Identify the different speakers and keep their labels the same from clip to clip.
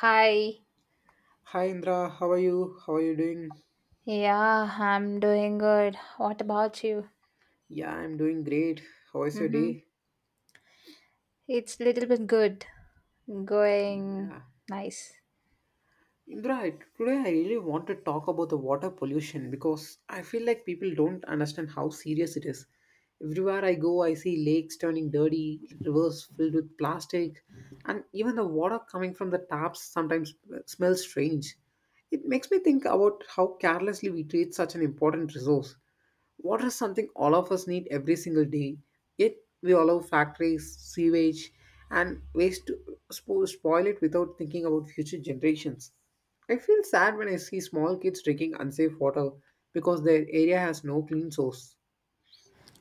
Speaker 1: Hi.
Speaker 2: Hi Indra, how are you? How are you doing?
Speaker 1: Yeah, I'm doing good. What about you?
Speaker 2: Yeah, I'm doing great. How is your
Speaker 1: Mm-hmm.
Speaker 2: day?
Speaker 1: It's little bit good. Going
Speaker 2: Yeah.
Speaker 1: nice.
Speaker 2: Today I really want to talk about the water pollution because I feel like people don't understand how serious it is. Everywhere I go, I see lakes turning dirty, rivers filled with plastic, and even the water coming from the taps sometimes smells strange. It makes me think about how carelessly we treat such an important resource. Water is something all of us need every single day, yet we allow factories, sewage, and waste to spoil it without thinking about future generations. I feel sad when I see small kids drinking unsafe water because their area has no clean source.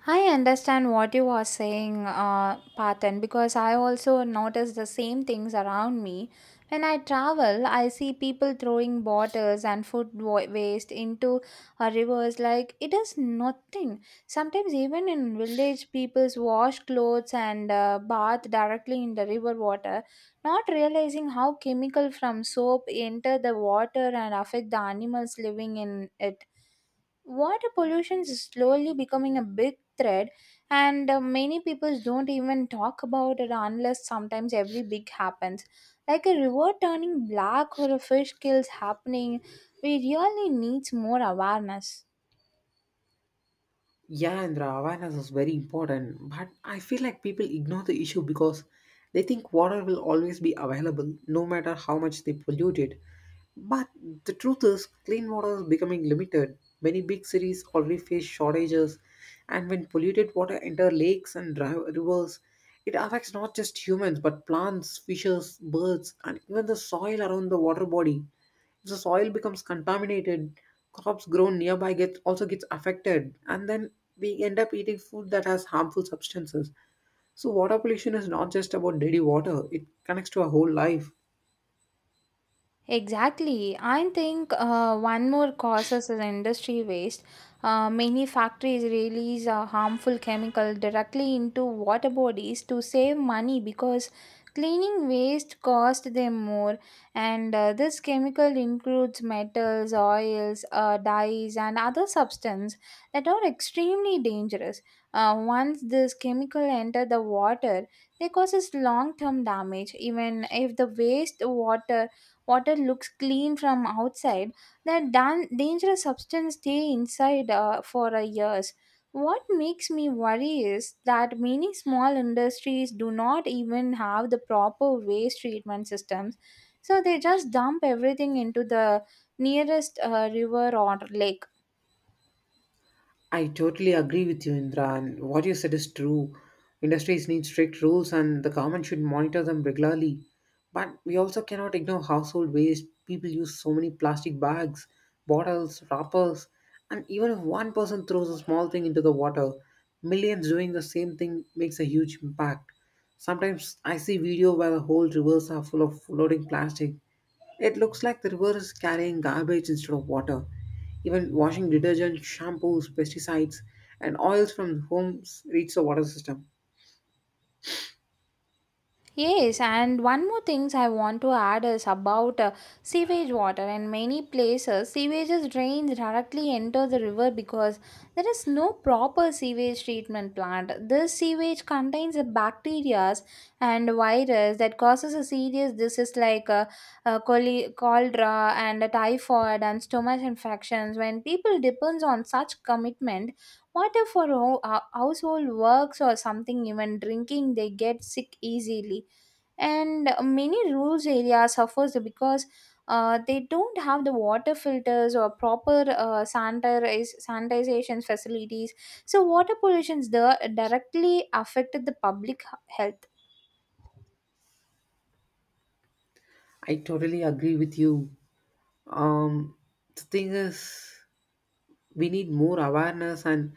Speaker 1: I understand what you are saying, Patan, because I also notice the same things around me. When I travel, I see people throwing bottles and food waste into rivers like it is nothing. Sometimes, even in village, people wash clothes and bath directly in the river water, not realizing how chemical from soap enter the water and affect the animals living in it. Water pollution is slowly becoming a big threat, and many people don't even talk about it unless sometimes every big happens. Like a river turning black or a fish kills happening, we really needs more awareness.
Speaker 2: Yeah, and the awareness is very important, but I feel like people ignore the issue because they think water will always be available no matter how much they pollute it. But the truth is, clean water is becoming limited. Many big cities already face shortages, and when polluted water enter lakes and rivers, it affects not just humans but plants, fishes, birds, and even the soil around the water body. The soil becomes contaminated, crops grown nearby get also gets affected, and then we end up eating food that has harmful substances. So water pollution is not just about dirty water, it connects to our whole life.
Speaker 1: Exactly. I think one more cause is the industry waste. Many factories release a harmful chemical directly into water bodies to save money because cleaning waste cost them more. And this chemical includes metals, oils, dyes, and other substances that are extremely dangerous. Once this chemical enter the water, they causes long-term damage. Even if the waste water looks clean from outside, the dangerous substance stay inside for years. What makes me worry is that many small industries do not even have the proper waste treatment systems, so they just dump everything into the nearest river or lake.
Speaker 2: I totally agree with you, Indra, and what you said is true. Industries need strict rules, and the government should monitor them regularly. But we also cannot ignore household waste. People use so many plastic bags, bottles, wrappers, and even if one person throws a small thing into the water, millions doing the same thing makes a huge impact. Sometimes I see video where the whole rivers are full of floating plastic. It looks like the river is carrying garbage instead of water. Even washing detergent, shampoos, pesticides, and oils from homes reach the water system.
Speaker 1: Yes, and one more things I want to add is about sewage water. In many places, sewage drains directly enter the river because there is no proper sewage treatment plant. This sewage contains the bacteria and virus that causes a serious disease like cholera and typhoid and stomach infections. When people depends on such commitment, water for household works or something, even drinking, they get sick easily. And many rural areas suffers because they don't have the water filters or proper sanitization facilities. So water pollution there directly affected the public health.
Speaker 2: I totally agree with you. Um, the thing is, we need more awareness, and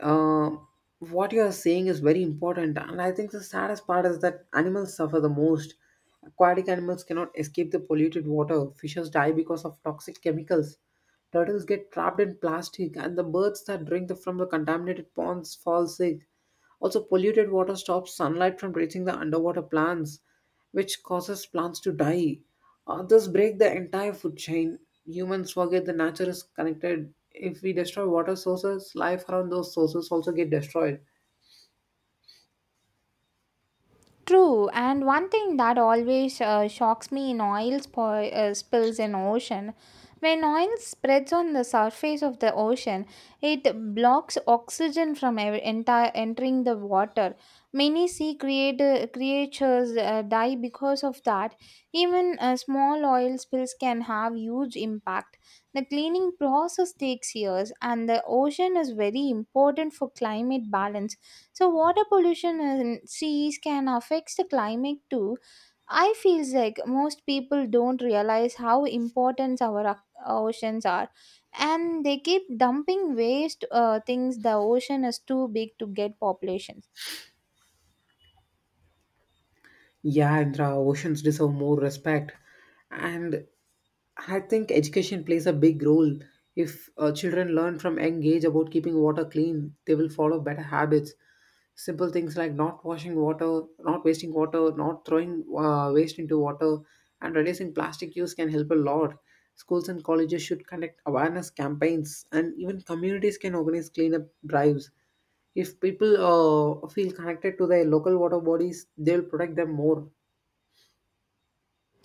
Speaker 2: uh, what you are saying is very important. And I think the saddest part is that animals suffer the most. Aquatic animals cannot escape the polluted water, fishes die because of toxic chemicals, turtles get trapped in plastic, and the birds that drink from the contaminated ponds fall sick. Also, polluted water stops sunlight from reaching the underwater plants, which causes plants to die. This break the entire food chain. Humans forget the nature is connected. If we destroy water sources, life around those sources also get destroyed.
Speaker 1: True, and one thing that always shocks me in oil spills in ocean, when oil spreads on the surface of the ocean, it blocks oxygen from ev- entire entering the water. Many sea creatures die because of that. Even small oil spills can have huge impact. The cleaning process takes years, and the ocean is very important for climate balance, so water pollution in seas can affect the climate too. I feels like most people don't realize how important our oceans are, and they keep dumping waste things. The ocean is too big to get populations.
Speaker 2: Yeah, and the oceans deserve more respect. And I think education plays a big role. If children learn from young age about keeping water clean, they will follow better habits. Simple things like not washing water, not wasting water, not throwing waste into water, and reducing plastic use can help a lot. Schools and colleges should conduct awareness campaigns, and even communities can organize cleanup drives. If people feel connected to their local water bodies, they'll protect them more.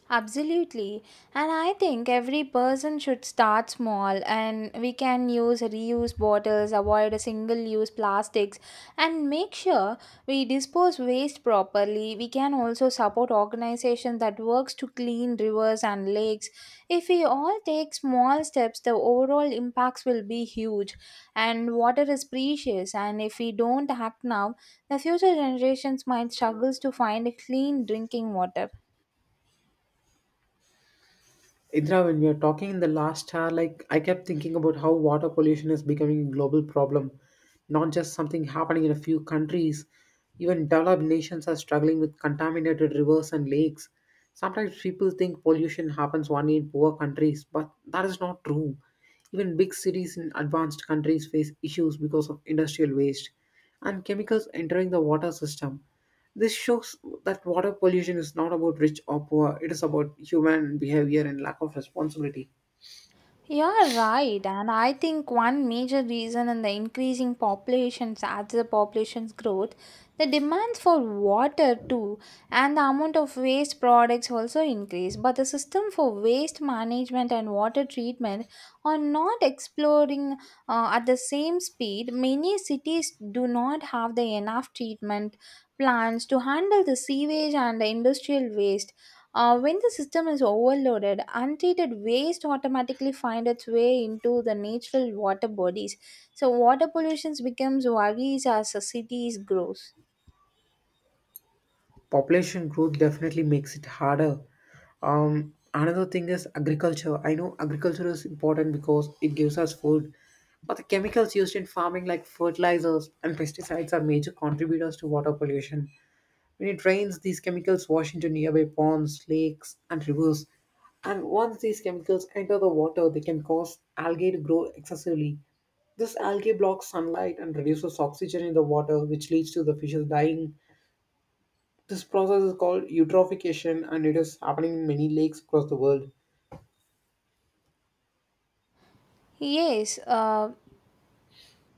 Speaker 1: Absolutely. And I think every person should start small, and we can use reuse bottles, avoid single use plastics, and make sure we dispose waste properly. We can also support organizations that works to clean rivers and lakes. If we all take small steps, the overall impacts will be huge. And water is precious, and if we don't act now, the future generations might struggle to find a clean drinking water.
Speaker 2: Indra, when we were talking in the last hour, like I kept thinking about how water pollution is becoming a global problem, not just something happening in a few countries. Even developed nations are struggling with contaminated rivers and lakes. Sometimes people think pollution happens only in poor countries, but that is not true. Even big cities in advanced countries face issues because of industrial waste and chemicals entering the water system. This shows that water pollution is not about rich or poor, it is about human behavior and lack of responsibility.
Speaker 1: You're right, and I think one major reason in the increasing populations as the population's growth, the demands for water too, and the amount of waste products also increase. But the system for waste management and water treatment are not exploring at the same speed. Many cities do not have the enough treatment plants to handle the sewage and the industrial waste. When the system is overloaded, untreated waste automatically find its way into the natural water bodies. So water pollution becomes worries as the cities grows.
Speaker 2: Population growth definitely makes it harder. Another thing is agriculture. I know agriculture is important because it gives us food, but the chemicals used in farming, like fertilizers and pesticides, are major contributors to water pollution. When it rains, these chemicals wash into nearby ponds, lakes, and rivers. And once these chemicals enter the water, they can cause algae to grow excessively. This algae blocks sunlight and reduces oxygen in the water, which leads to the fishes dying. This process is called eutrophication, and it is happening in many lakes across the world.
Speaker 1: Yes, uh,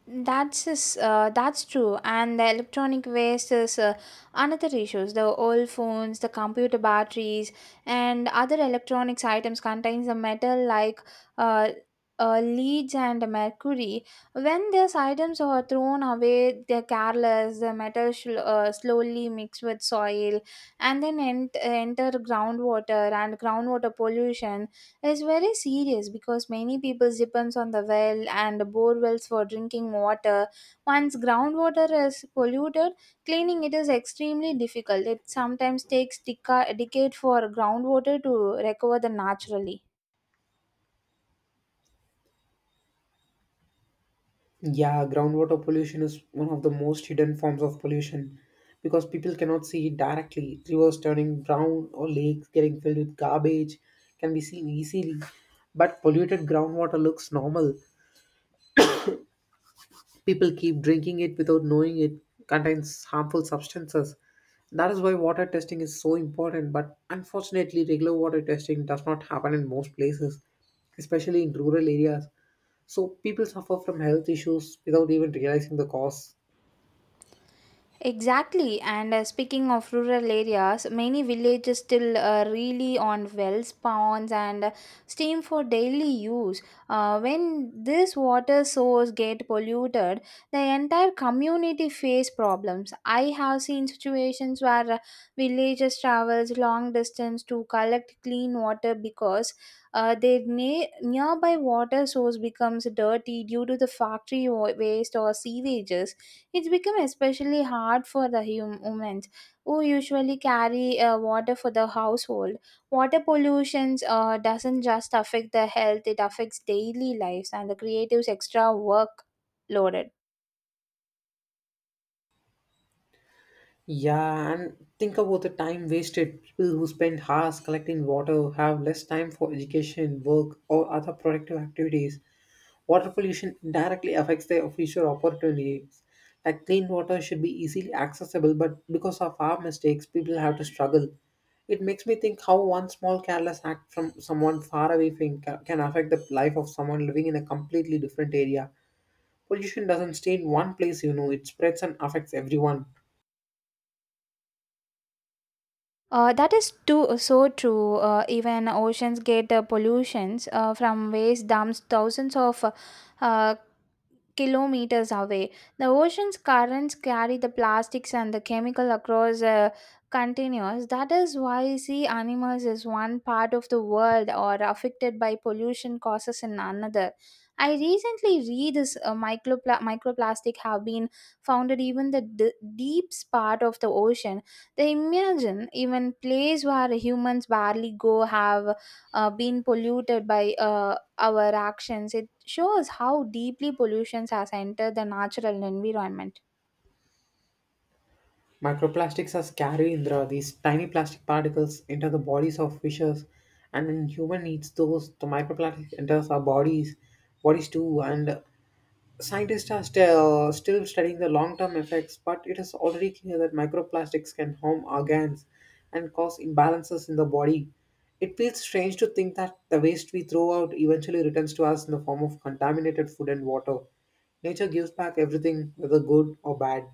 Speaker 1: that's true, and the electronic waste is another issues. The old phones, the computer batteries, and other electronics items contains the metal like uh, leads and mercury. When these items are thrown away, they're careless. The metal slowly mix with soil, and then enter groundwater, and groundwater pollution is very serious because many people depends on the well and bore wells for drinking water. Once groundwater is polluted, cleaning it is extremely difficult. It sometimes takes a decade for groundwater to recover the naturally.
Speaker 2: Yeah, groundwater pollution is one of the most hidden forms of pollution because people cannot see it directly. Rivers turning brown or lakes getting filled with garbage can be seen easily, but polluted groundwater looks normal. People keep drinking it without knowing it contains harmful substances. That is why water testing is so important, but unfortunately, regular water testing does not happen in most places, especially in rural areas. So, people suffer from health issues without even realizing the cause.
Speaker 1: Exactly, and speaking of rural areas, many villages still really on wells, ponds, and stream for daily use. When this water source get polluted, the entire community face problems. I have seen situations where villagers travels long distance to collect clean water because their nearby water source becomes dirty due to the factory waste or sewages. It's become especially hard for the women who usually carry water for the household. Water pollution doesn't just affect the health, it affects daily lives and the creatives extra work loaded.
Speaker 2: Yeah, and think about the time wasted. People who spend hours collecting water have less time for education, work, or other productive activities. Water pollution directly affects their future opportunities. Like clean water should be easily accessible, but because of our mistakes, people have to struggle. It makes me think how one small careless act from someone far away thing can affect the life of someone living in a completely different area. Pollution doesn't stay in one place, you know, it spreads and affects everyone.
Speaker 1: That is too so true. Even oceans get pollutions from waste dumps thousands of uh, kilometers away. The ocean's currents carry the plastics and the chemical across continuous. That is why sea animals is one part of the world or affected by pollution causes in another. I recently read this microplastic have been found in even the deep part of the ocean. They imagine even places where humans barely go have been polluted by our actions. It shows how deeply pollution has entered the natural environment.
Speaker 2: Microplastics are scary, Indra. These tiny plastic particles enter the bodies of fishes, and when human eats those, the microplastic enters our bodies, bodies too. And scientists are still studying the long-term effects, but it is already clear that microplastics can harm organs and cause imbalances in the body. It feels strange to think that the waste we throw out eventually returns to us in the form of contaminated food and water. Nature gives back everything, whether good or bad.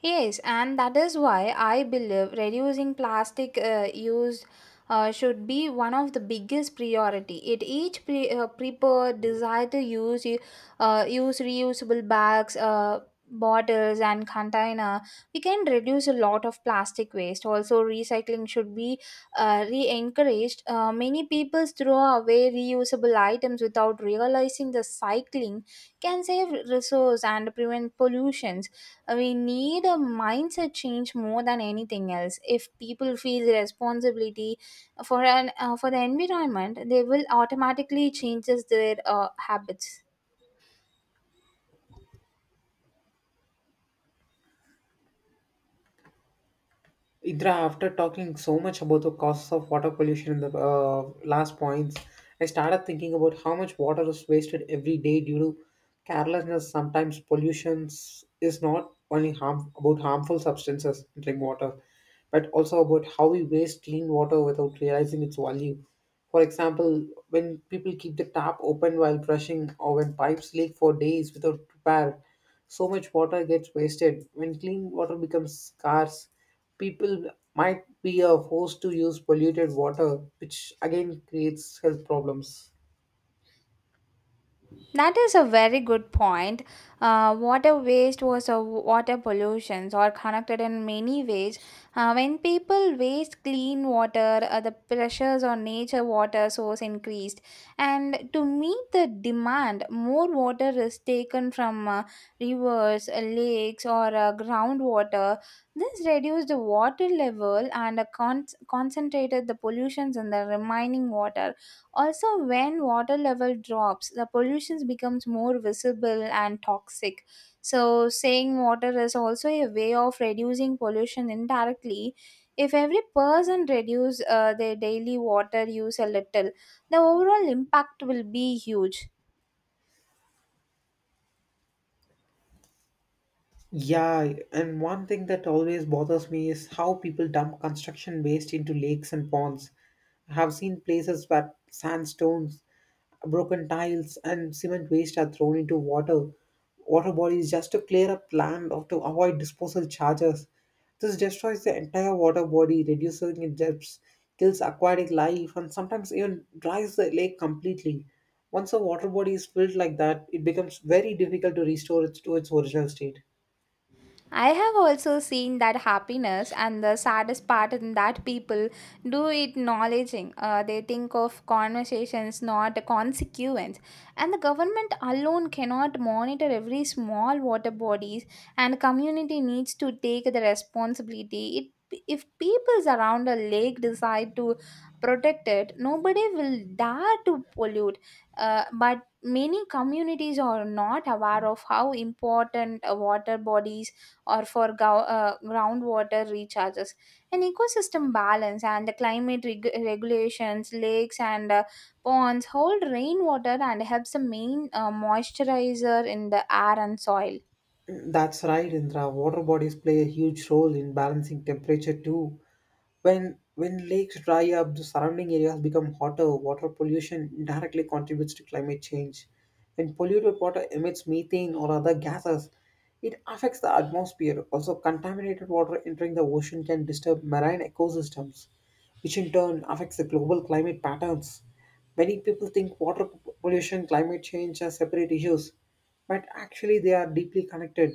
Speaker 1: Yes, and that is why I believe reducing plastic use should be one of the biggest priority. It each prepare desire to use use reusable bags, bottles, and container. We can reduce a lot of plastic waste. Also, recycling should be re-encouraged. Many people throw away reusable items without realizing the cycling can save resource and prevent pollutions. We need a mindset change more than anything else. If people feel responsibility for an for the environment, they will automatically changes their habits.
Speaker 2: Indra, after talking so much about the costs of water pollution in the last points, I started thinking about how much water is wasted every day due to carelessness. Sometimes pollution is not only harm about harmful substances entering water, but also about how we waste clean water without realizing its value. For example, when people keep the tap open while brushing or when pipes leak for days without repair, so much water gets wasted. When clean water becomes scarce, people might be forced to use polluted water, which again creates health problems.
Speaker 1: That is a very good point. Water waste was a water pollutions or connected in many ways. When people waste clean water, the pressures on nature water source increased, and to meet the demand, more water is taken from rivers, lakes, or groundwater. This reduced the water level and concentrated the pollutions in the remaining water. Also, when water level drops, the pollution becomes more visible and toxic. So, saying water is also a way of reducing pollution indirectly. If every person reduce their daily water use a little, the overall impact will be huge.
Speaker 2: Yeah, and one thing that always bothers me is how people dump construction waste into lakes and ponds. I have seen places where sandstones, broken tiles, and cement waste are thrown into water, water bodies just to clear up land or to avoid disposal charges. This destroys the entire water body, reducing its depths, kills aquatic life, and sometimes even dries the lake completely. Once a water body is filled like that, it becomes very difficult to restore it to its original state.
Speaker 1: I have also seen that happiness, and the saddest part in that people do it acknowledging. They think of conversations, not a consequence. And the government alone cannot monitor every small water bodies, and community needs to take the responsibility. It, if peoples around a lake decide to protect it, nobody will dare to pollute. But many communities are not aware of how important water bodies or for groundwater recharges and ecosystem balance and the climate regulations. Lakes and ponds hold rainwater and helps the main moisturizer in the air and soil.
Speaker 2: That's right, Indra. Water bodies play a huge role in balancing temperature too. When lakes dry up, the surrounding areas become hotter. Water pollution directly contributes to climate change. When polluted water emits methane or other gases, it affects the atmosphere. Also, contaminated water entering the ocean can disturb marine ecosystems, which in turn affects the global climate patterns. Many people think water pollution, climate change are separate issues, but actually they are deeply connected.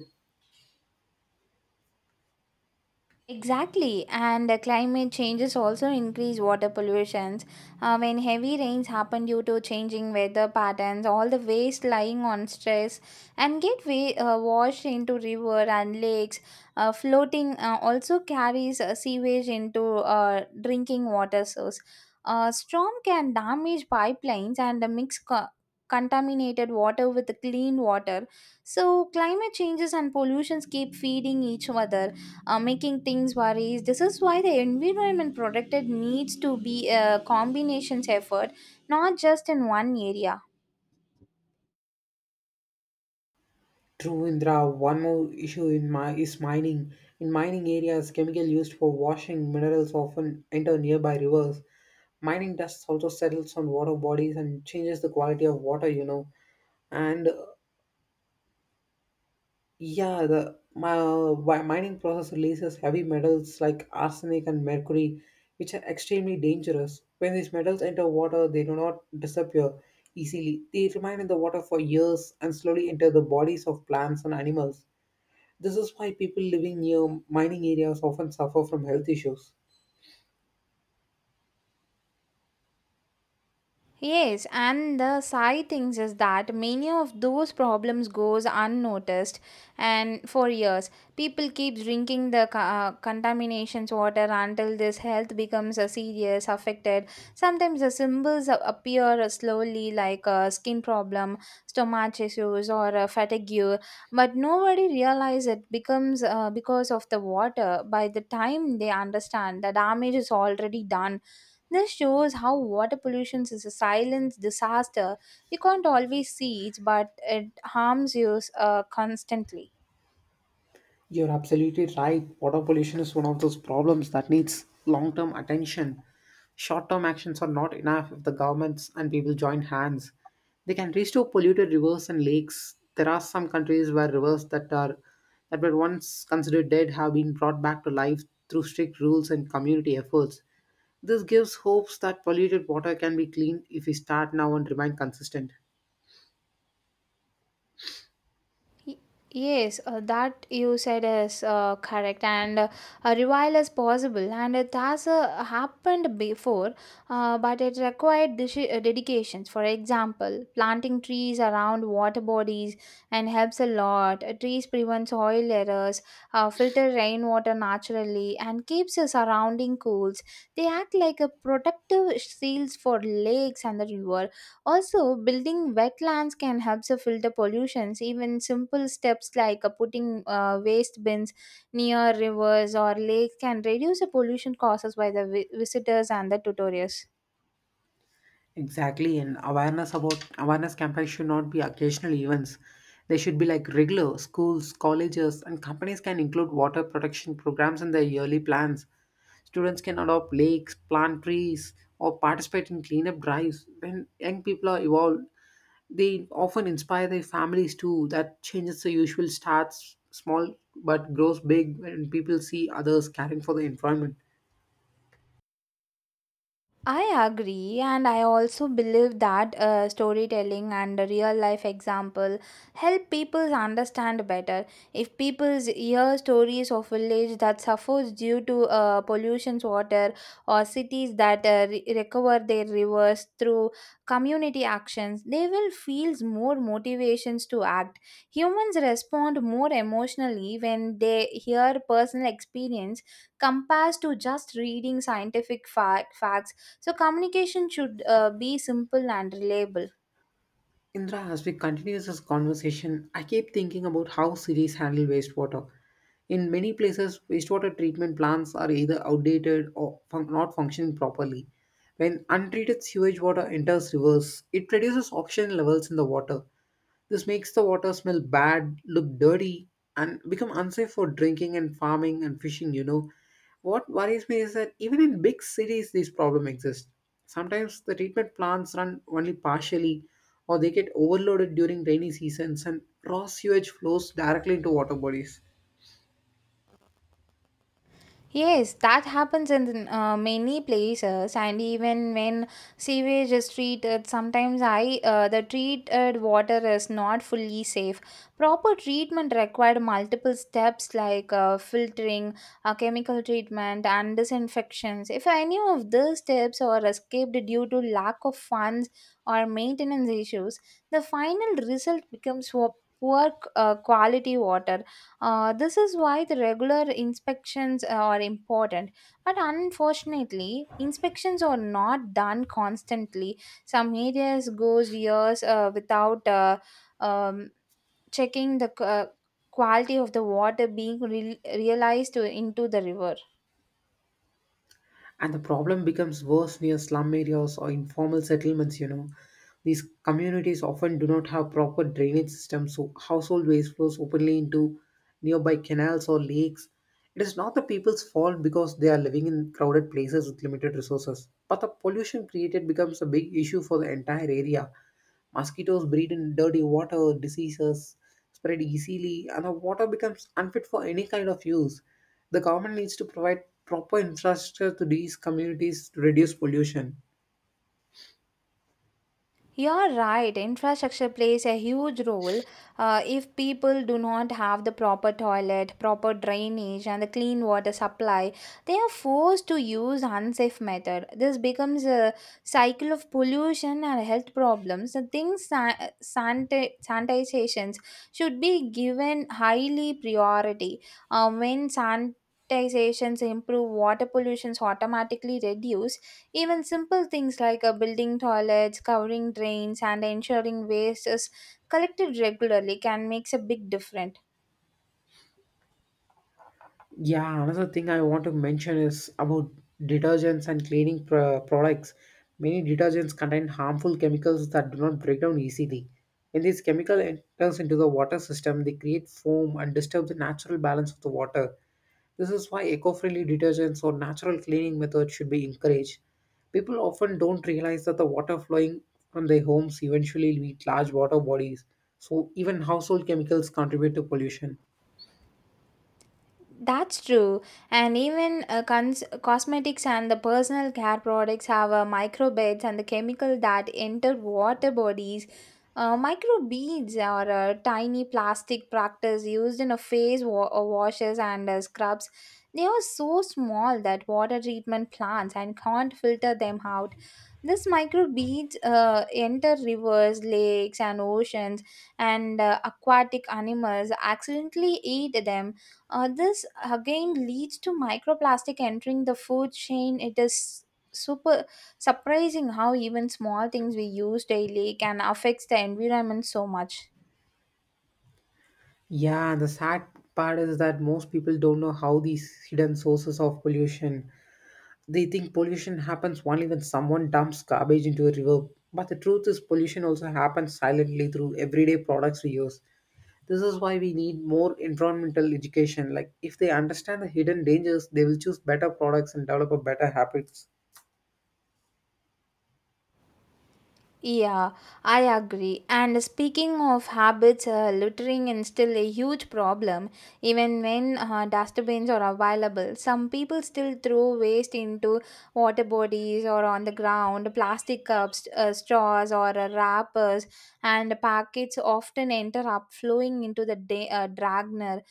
Speaker 1: Exactly, and climate changes also increase water pollutions. When heavy rains happen due to changing weather patterns, all the waste lying on stress and get washed into river and lakes. Floating also carries sewage into drinking water source. Storm can damage pipelines and mix contaminated water with clean water. So climate changes and pollutions keep feeding each other, making things worries. This is why the environment protected needs to be a combination's effort, not just in one area.
Speaker 2: True, Indra, one more issue in my, is mining. In mining areas, chemical used for washing minerals often enter nearby rivers. Mining dust also settles on water bodies and changes the quality of water, you know, and mining process releases heavy metals like arsenic and mercury, which are extremely dangerous. When these metals enter water, they do not disappear easily. They remain in the water for years and slowly enter the bodies of plants and animals. This is why people living near mining areas often suffer from health issues.
Speaker 1: Yes, and the sad thing is that many of those problems goes unnoticed, and for years people keep drinking the contaminations water until this health becomes a serious affected. Sometimes the symbols appear slowly, like a skin problem, stomach issues, or a fatigue, but nobody realize it becomes because of the water. By the time they understand, the damage is already done. This shows how water pollution is a silent disaster. We can't always see it, but it harms us constantly.
Speaker 2: You're absolutely right. Water pollution is one of those problems that needs long term attention. Short term actions are not enough if the governments and people join hands. They can restore polluted rivers and lakes. There are some countries where rivers that were once considered dead have been brought back to life through strict rules and community efforts. This gives hopes that polluted water can be cleaned if we start now and remain consistent.
Speaker 1: Y- Yes, that you said is correct, and a revival is possible, and it has happened before, but it required dedications. For example, planting trees around water bodies and helps a lot. Trees prevent soil errors, filter rainwater naturally, and keeps the surrounding cools. They act like a protective shields for lakes and the river. Also, building wetlands can help to filter pollutions. Even simple steps like putting waste bins near rivers or lakes can reduce the pollution causes by the visitors and the tutors.
Speaker 2: Exactly, and awareness about awareness campaigns should not be occasional events. They should be like regular schools, colleges, and companies can include water protection programs in their yearly plans. Students can adopt lakes, plant trees, or participate in cleanup drives. When young people are involved, they often inspire their families too. That changes the usual starts small but grows big when people see others caring for the environment.
Speaker 1: I agree, and I also believe that storytelling and real life example help people understand better. If people hear stories of village that suffers due to pollution's water or cities that recover their rivers through community actions, they will feel more motivations to act. Humans respond more emotionally when they hear personal experience compared to just reading scientific facts, so communication should be simple and reliable.
Speaker 2: Indra, as we continue this conversation, I keep thinking about how cities handle wastewater. In many places, wastewater treatment plants are either outdated or not functioning properly. When untreated sewage water enters rivers, it reduces oxygen levels in the water. This makes the water smell bad, look dirty, and become unsafe for drinking and farming and fishing, you know. What worries me is that even in big cities, these problems exist. Sometimes the treatment plants run only partially, or they get overloaded during rainy seasons, and raw sewage flows directly into water bodies.
Speaker 1: Yes, that happens in many places, and even when sewage is treated, sometimes I the treated water is not fully safe. Proper treatment required multiple steps like filtering, chemical treatment, and disinfections. If any of these steps are escaped due to lack of funds or maintenance issues, the final result becomes poor quality water. This is why the regular inspections are important. But unfortunately, inspections are not done constantly. Some areas goes years without um, checking the quality of the water being realized into the river.
Speaker 2: And the problem becomes worse near slum areas or informal settlements. These communities often do not have proper drainage systems, so household waste flows openly into nearby canals or lakes. It is not the people's fault because they are living in crowded places with limited resources, but the pollution created becomes a big issue for the entire area. Mosquitoes breed in dirty water, diseases spread easily, and the water becomes unfit for any kind of use. The government needs to provide proper infrastructure to these communities to reduce pollution.
Speaker 1: You're right. Infrastructure plays a huge role. If people do not have the proper toilet, proper drainage, and the clean water supply, they are forced to use unsafe method. This becomes a cycle of pollution and health problems. The things sanitizations should be given highly priority. When sanitizations improve, water pollutions automatically reduce, even simple things like building toilets, covering drains, and ensuring waste is collected regularly can make a big difference.
Speaker 2: Yeah, another thing I want to mention is about detergents and cleaning products. Many detergents contain harmful chemicals that do not break down easily. When this chemical enters into the water system, they create foam and disturb the natural balance of the water. This is why eco friendly detergents or natural cleaning methods should be encouraged. People often don't realize that the water flowing from their homes eventually leaves large water bodies, so even household chemicals contribute to pollution.
Speaker 1: That's true. And even cosmetics and the personal care products have microbeads and the chemical that enter water bodies. Microbeads are tiny plastic products used in a face washes and scrubs. They are so small that water treatment plants and can't filter them out. These microbeads enter rivers, lakes, and oceans, and aquatic animals accidentally eat them. This again leads to microplastic entering the food chain. It is super surprising how even small things we use daily can affect the environment so much.
Speaker 2: Yeah, the sad part is that most people don't know how these hidden sources of pollution. They think pollution happens only when someone dumps garbage into a river. But the truth is, pollution also happens silently through everyday products we use. This is why we need more environmental education. Like, if they understand the hidden dangers, they will choose better products and develop a better habits.
Speaker 1: Yeah, I agree. And speaking of habits, littering is still a huge problem. Even when dustbins are available, some people still throw waste into water bodies or on the ground. Plastic cups, straws, or wrappers and packets often enter up, flowing into the dragner,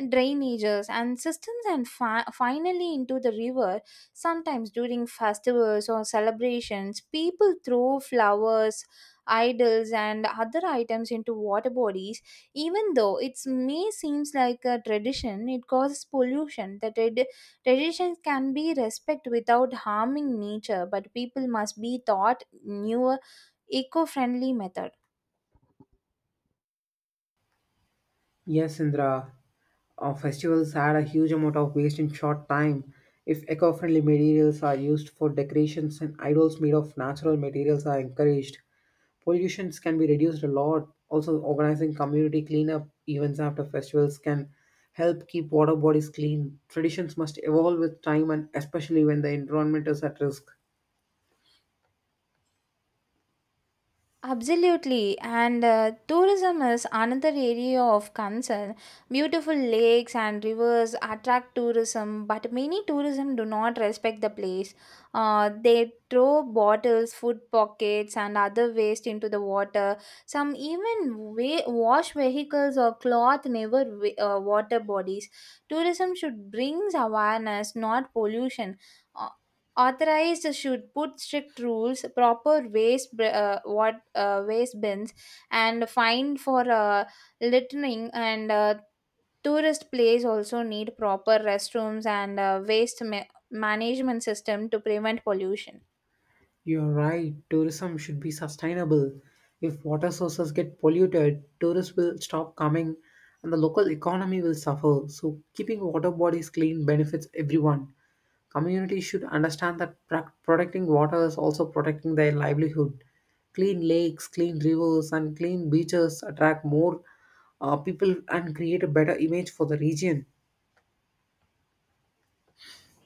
Speaker 1: drainages, and systems, and finally into the river. Sometimes during festivals or celebrations, people throw flowers, idols, and other items into water bodies. Even though it may seems like a tradition, it causes pollution. The traditions can be respected without harming nature, but people must be taught newer eco-friendly methods.
Speaker 2: Yes, Indra. Festivals add a huge amount of waste in short time. If eco-friendly materials are used for decorations and idols made of natural materials are encouraged, pollutions can be reduced a lot. Also, organizing community cleanup events after festivals can help keep water bodies clean. Traditions must evolve with time and especially when the environment is at risk.
Speaker 1: Absolutely, and tourism is another area of concern. Beautiful lakes and rivers attract tourism, but many tourism do not respect the place. They throw bottles, food pockets, and other waste into the water. Some even wash vehicles or cloth never water bodies. Tourism should brings awareness, not pollution. Uh, Authorized should put strict rules, proper waste br- what waste bins, and fine for littering. And tourist place also need proper restrooms and management system to prevent pollution.
Speaker 2: You're right, tourism should be sustainable. If water sources get polluted, tourists will stop coming and the local economy will suffer. So, keeping water bodies clean benefits everyone. Communities should understand that protecting water is also protecting their livelihood. Clean lakes, clean rivers, and clean beaches attract more people and create a better image for the region.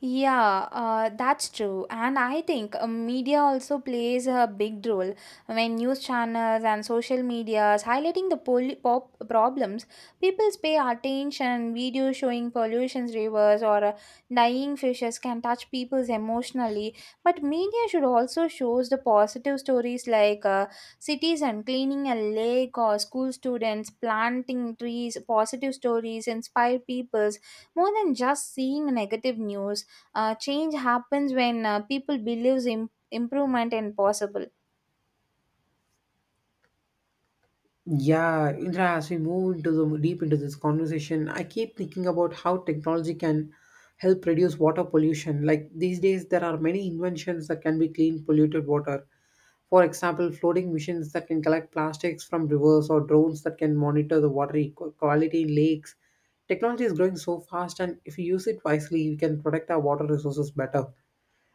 Speaker 1: Yeah, that's true. And I think media also plays a big role when news channels and social medias highlighting the pol- pop problems, people pay attention. Videos showing pollution rivers or dying fishes can touch people emotionally. But media should also shows the positive stories like citizen cleaning a lake or school students planting trees. Positive stories inspire peoples more than just seeing negative news. Change happens when people believes improvement is possible.
Speaker 2: Yeah, Indra, as we move into the deep into this conversation, I keep thinking about how technology can help reduce water pollution. Like these days, there are many inventions that can be clean polluted water. For example, floating machines that can collect plastics from rivers or drones that can monitor the water quality in lakes. Technology is growing so fast, and if we use it wisely, we can protect our water resources better.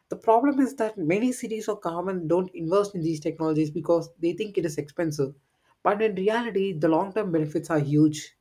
Speaker 2: The problem is that many cities or governments don't invest in these technologies because they think it is expensive. But in reality, the long term benefits are huge.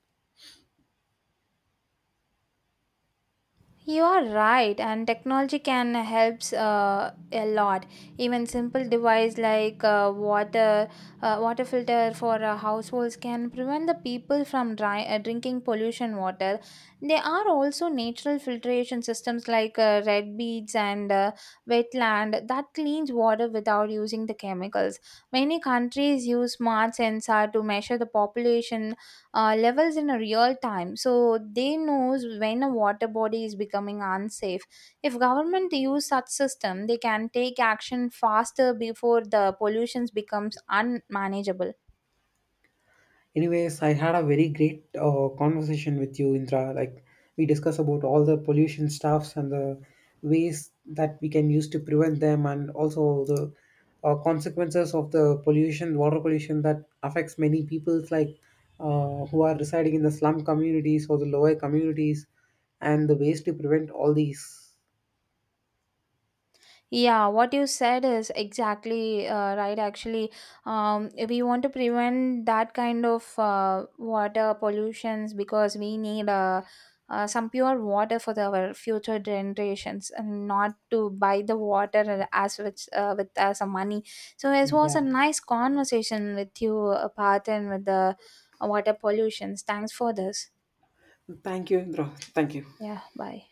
Speaker 1: You are right, and technology can helps a lot. Even simple device like water filter for households can prevent the people from drinking pollution water. There are also natural filtration systems like red beads and wetland that cleans water without using the chemicals. Many countries use smart sensor to measure the population levels in a real time, so they knows when a water body is becoming unsafe. If government use such system, they can take action faster before the pollutions becomes unmanageable.
Speaker 2: Anyways, I had a very great conversation with you, Indra. Like we discussed about all the pollution stuffs and the ways that we can use to prevent them, and also the consequences of the pollution, water pollution that affects many people, like who are residing in the slum communities or the lower communities, and the ways to prevent all these.
Speaker 1: Yeah, what you said is exactly right. Actually, if we want to prevent that kind of water pollutions, because we need some pure water for the, our future generations, and not to buy the water as with some money. So it was
Speaker 2: Yeah.
Speaker 1: a nice conversation with you, Parthen, with the water pollutions. Thanks for this.
Speaker 2: Thank you, Indra. Thank you.
Speaker 1: Yeah, bye.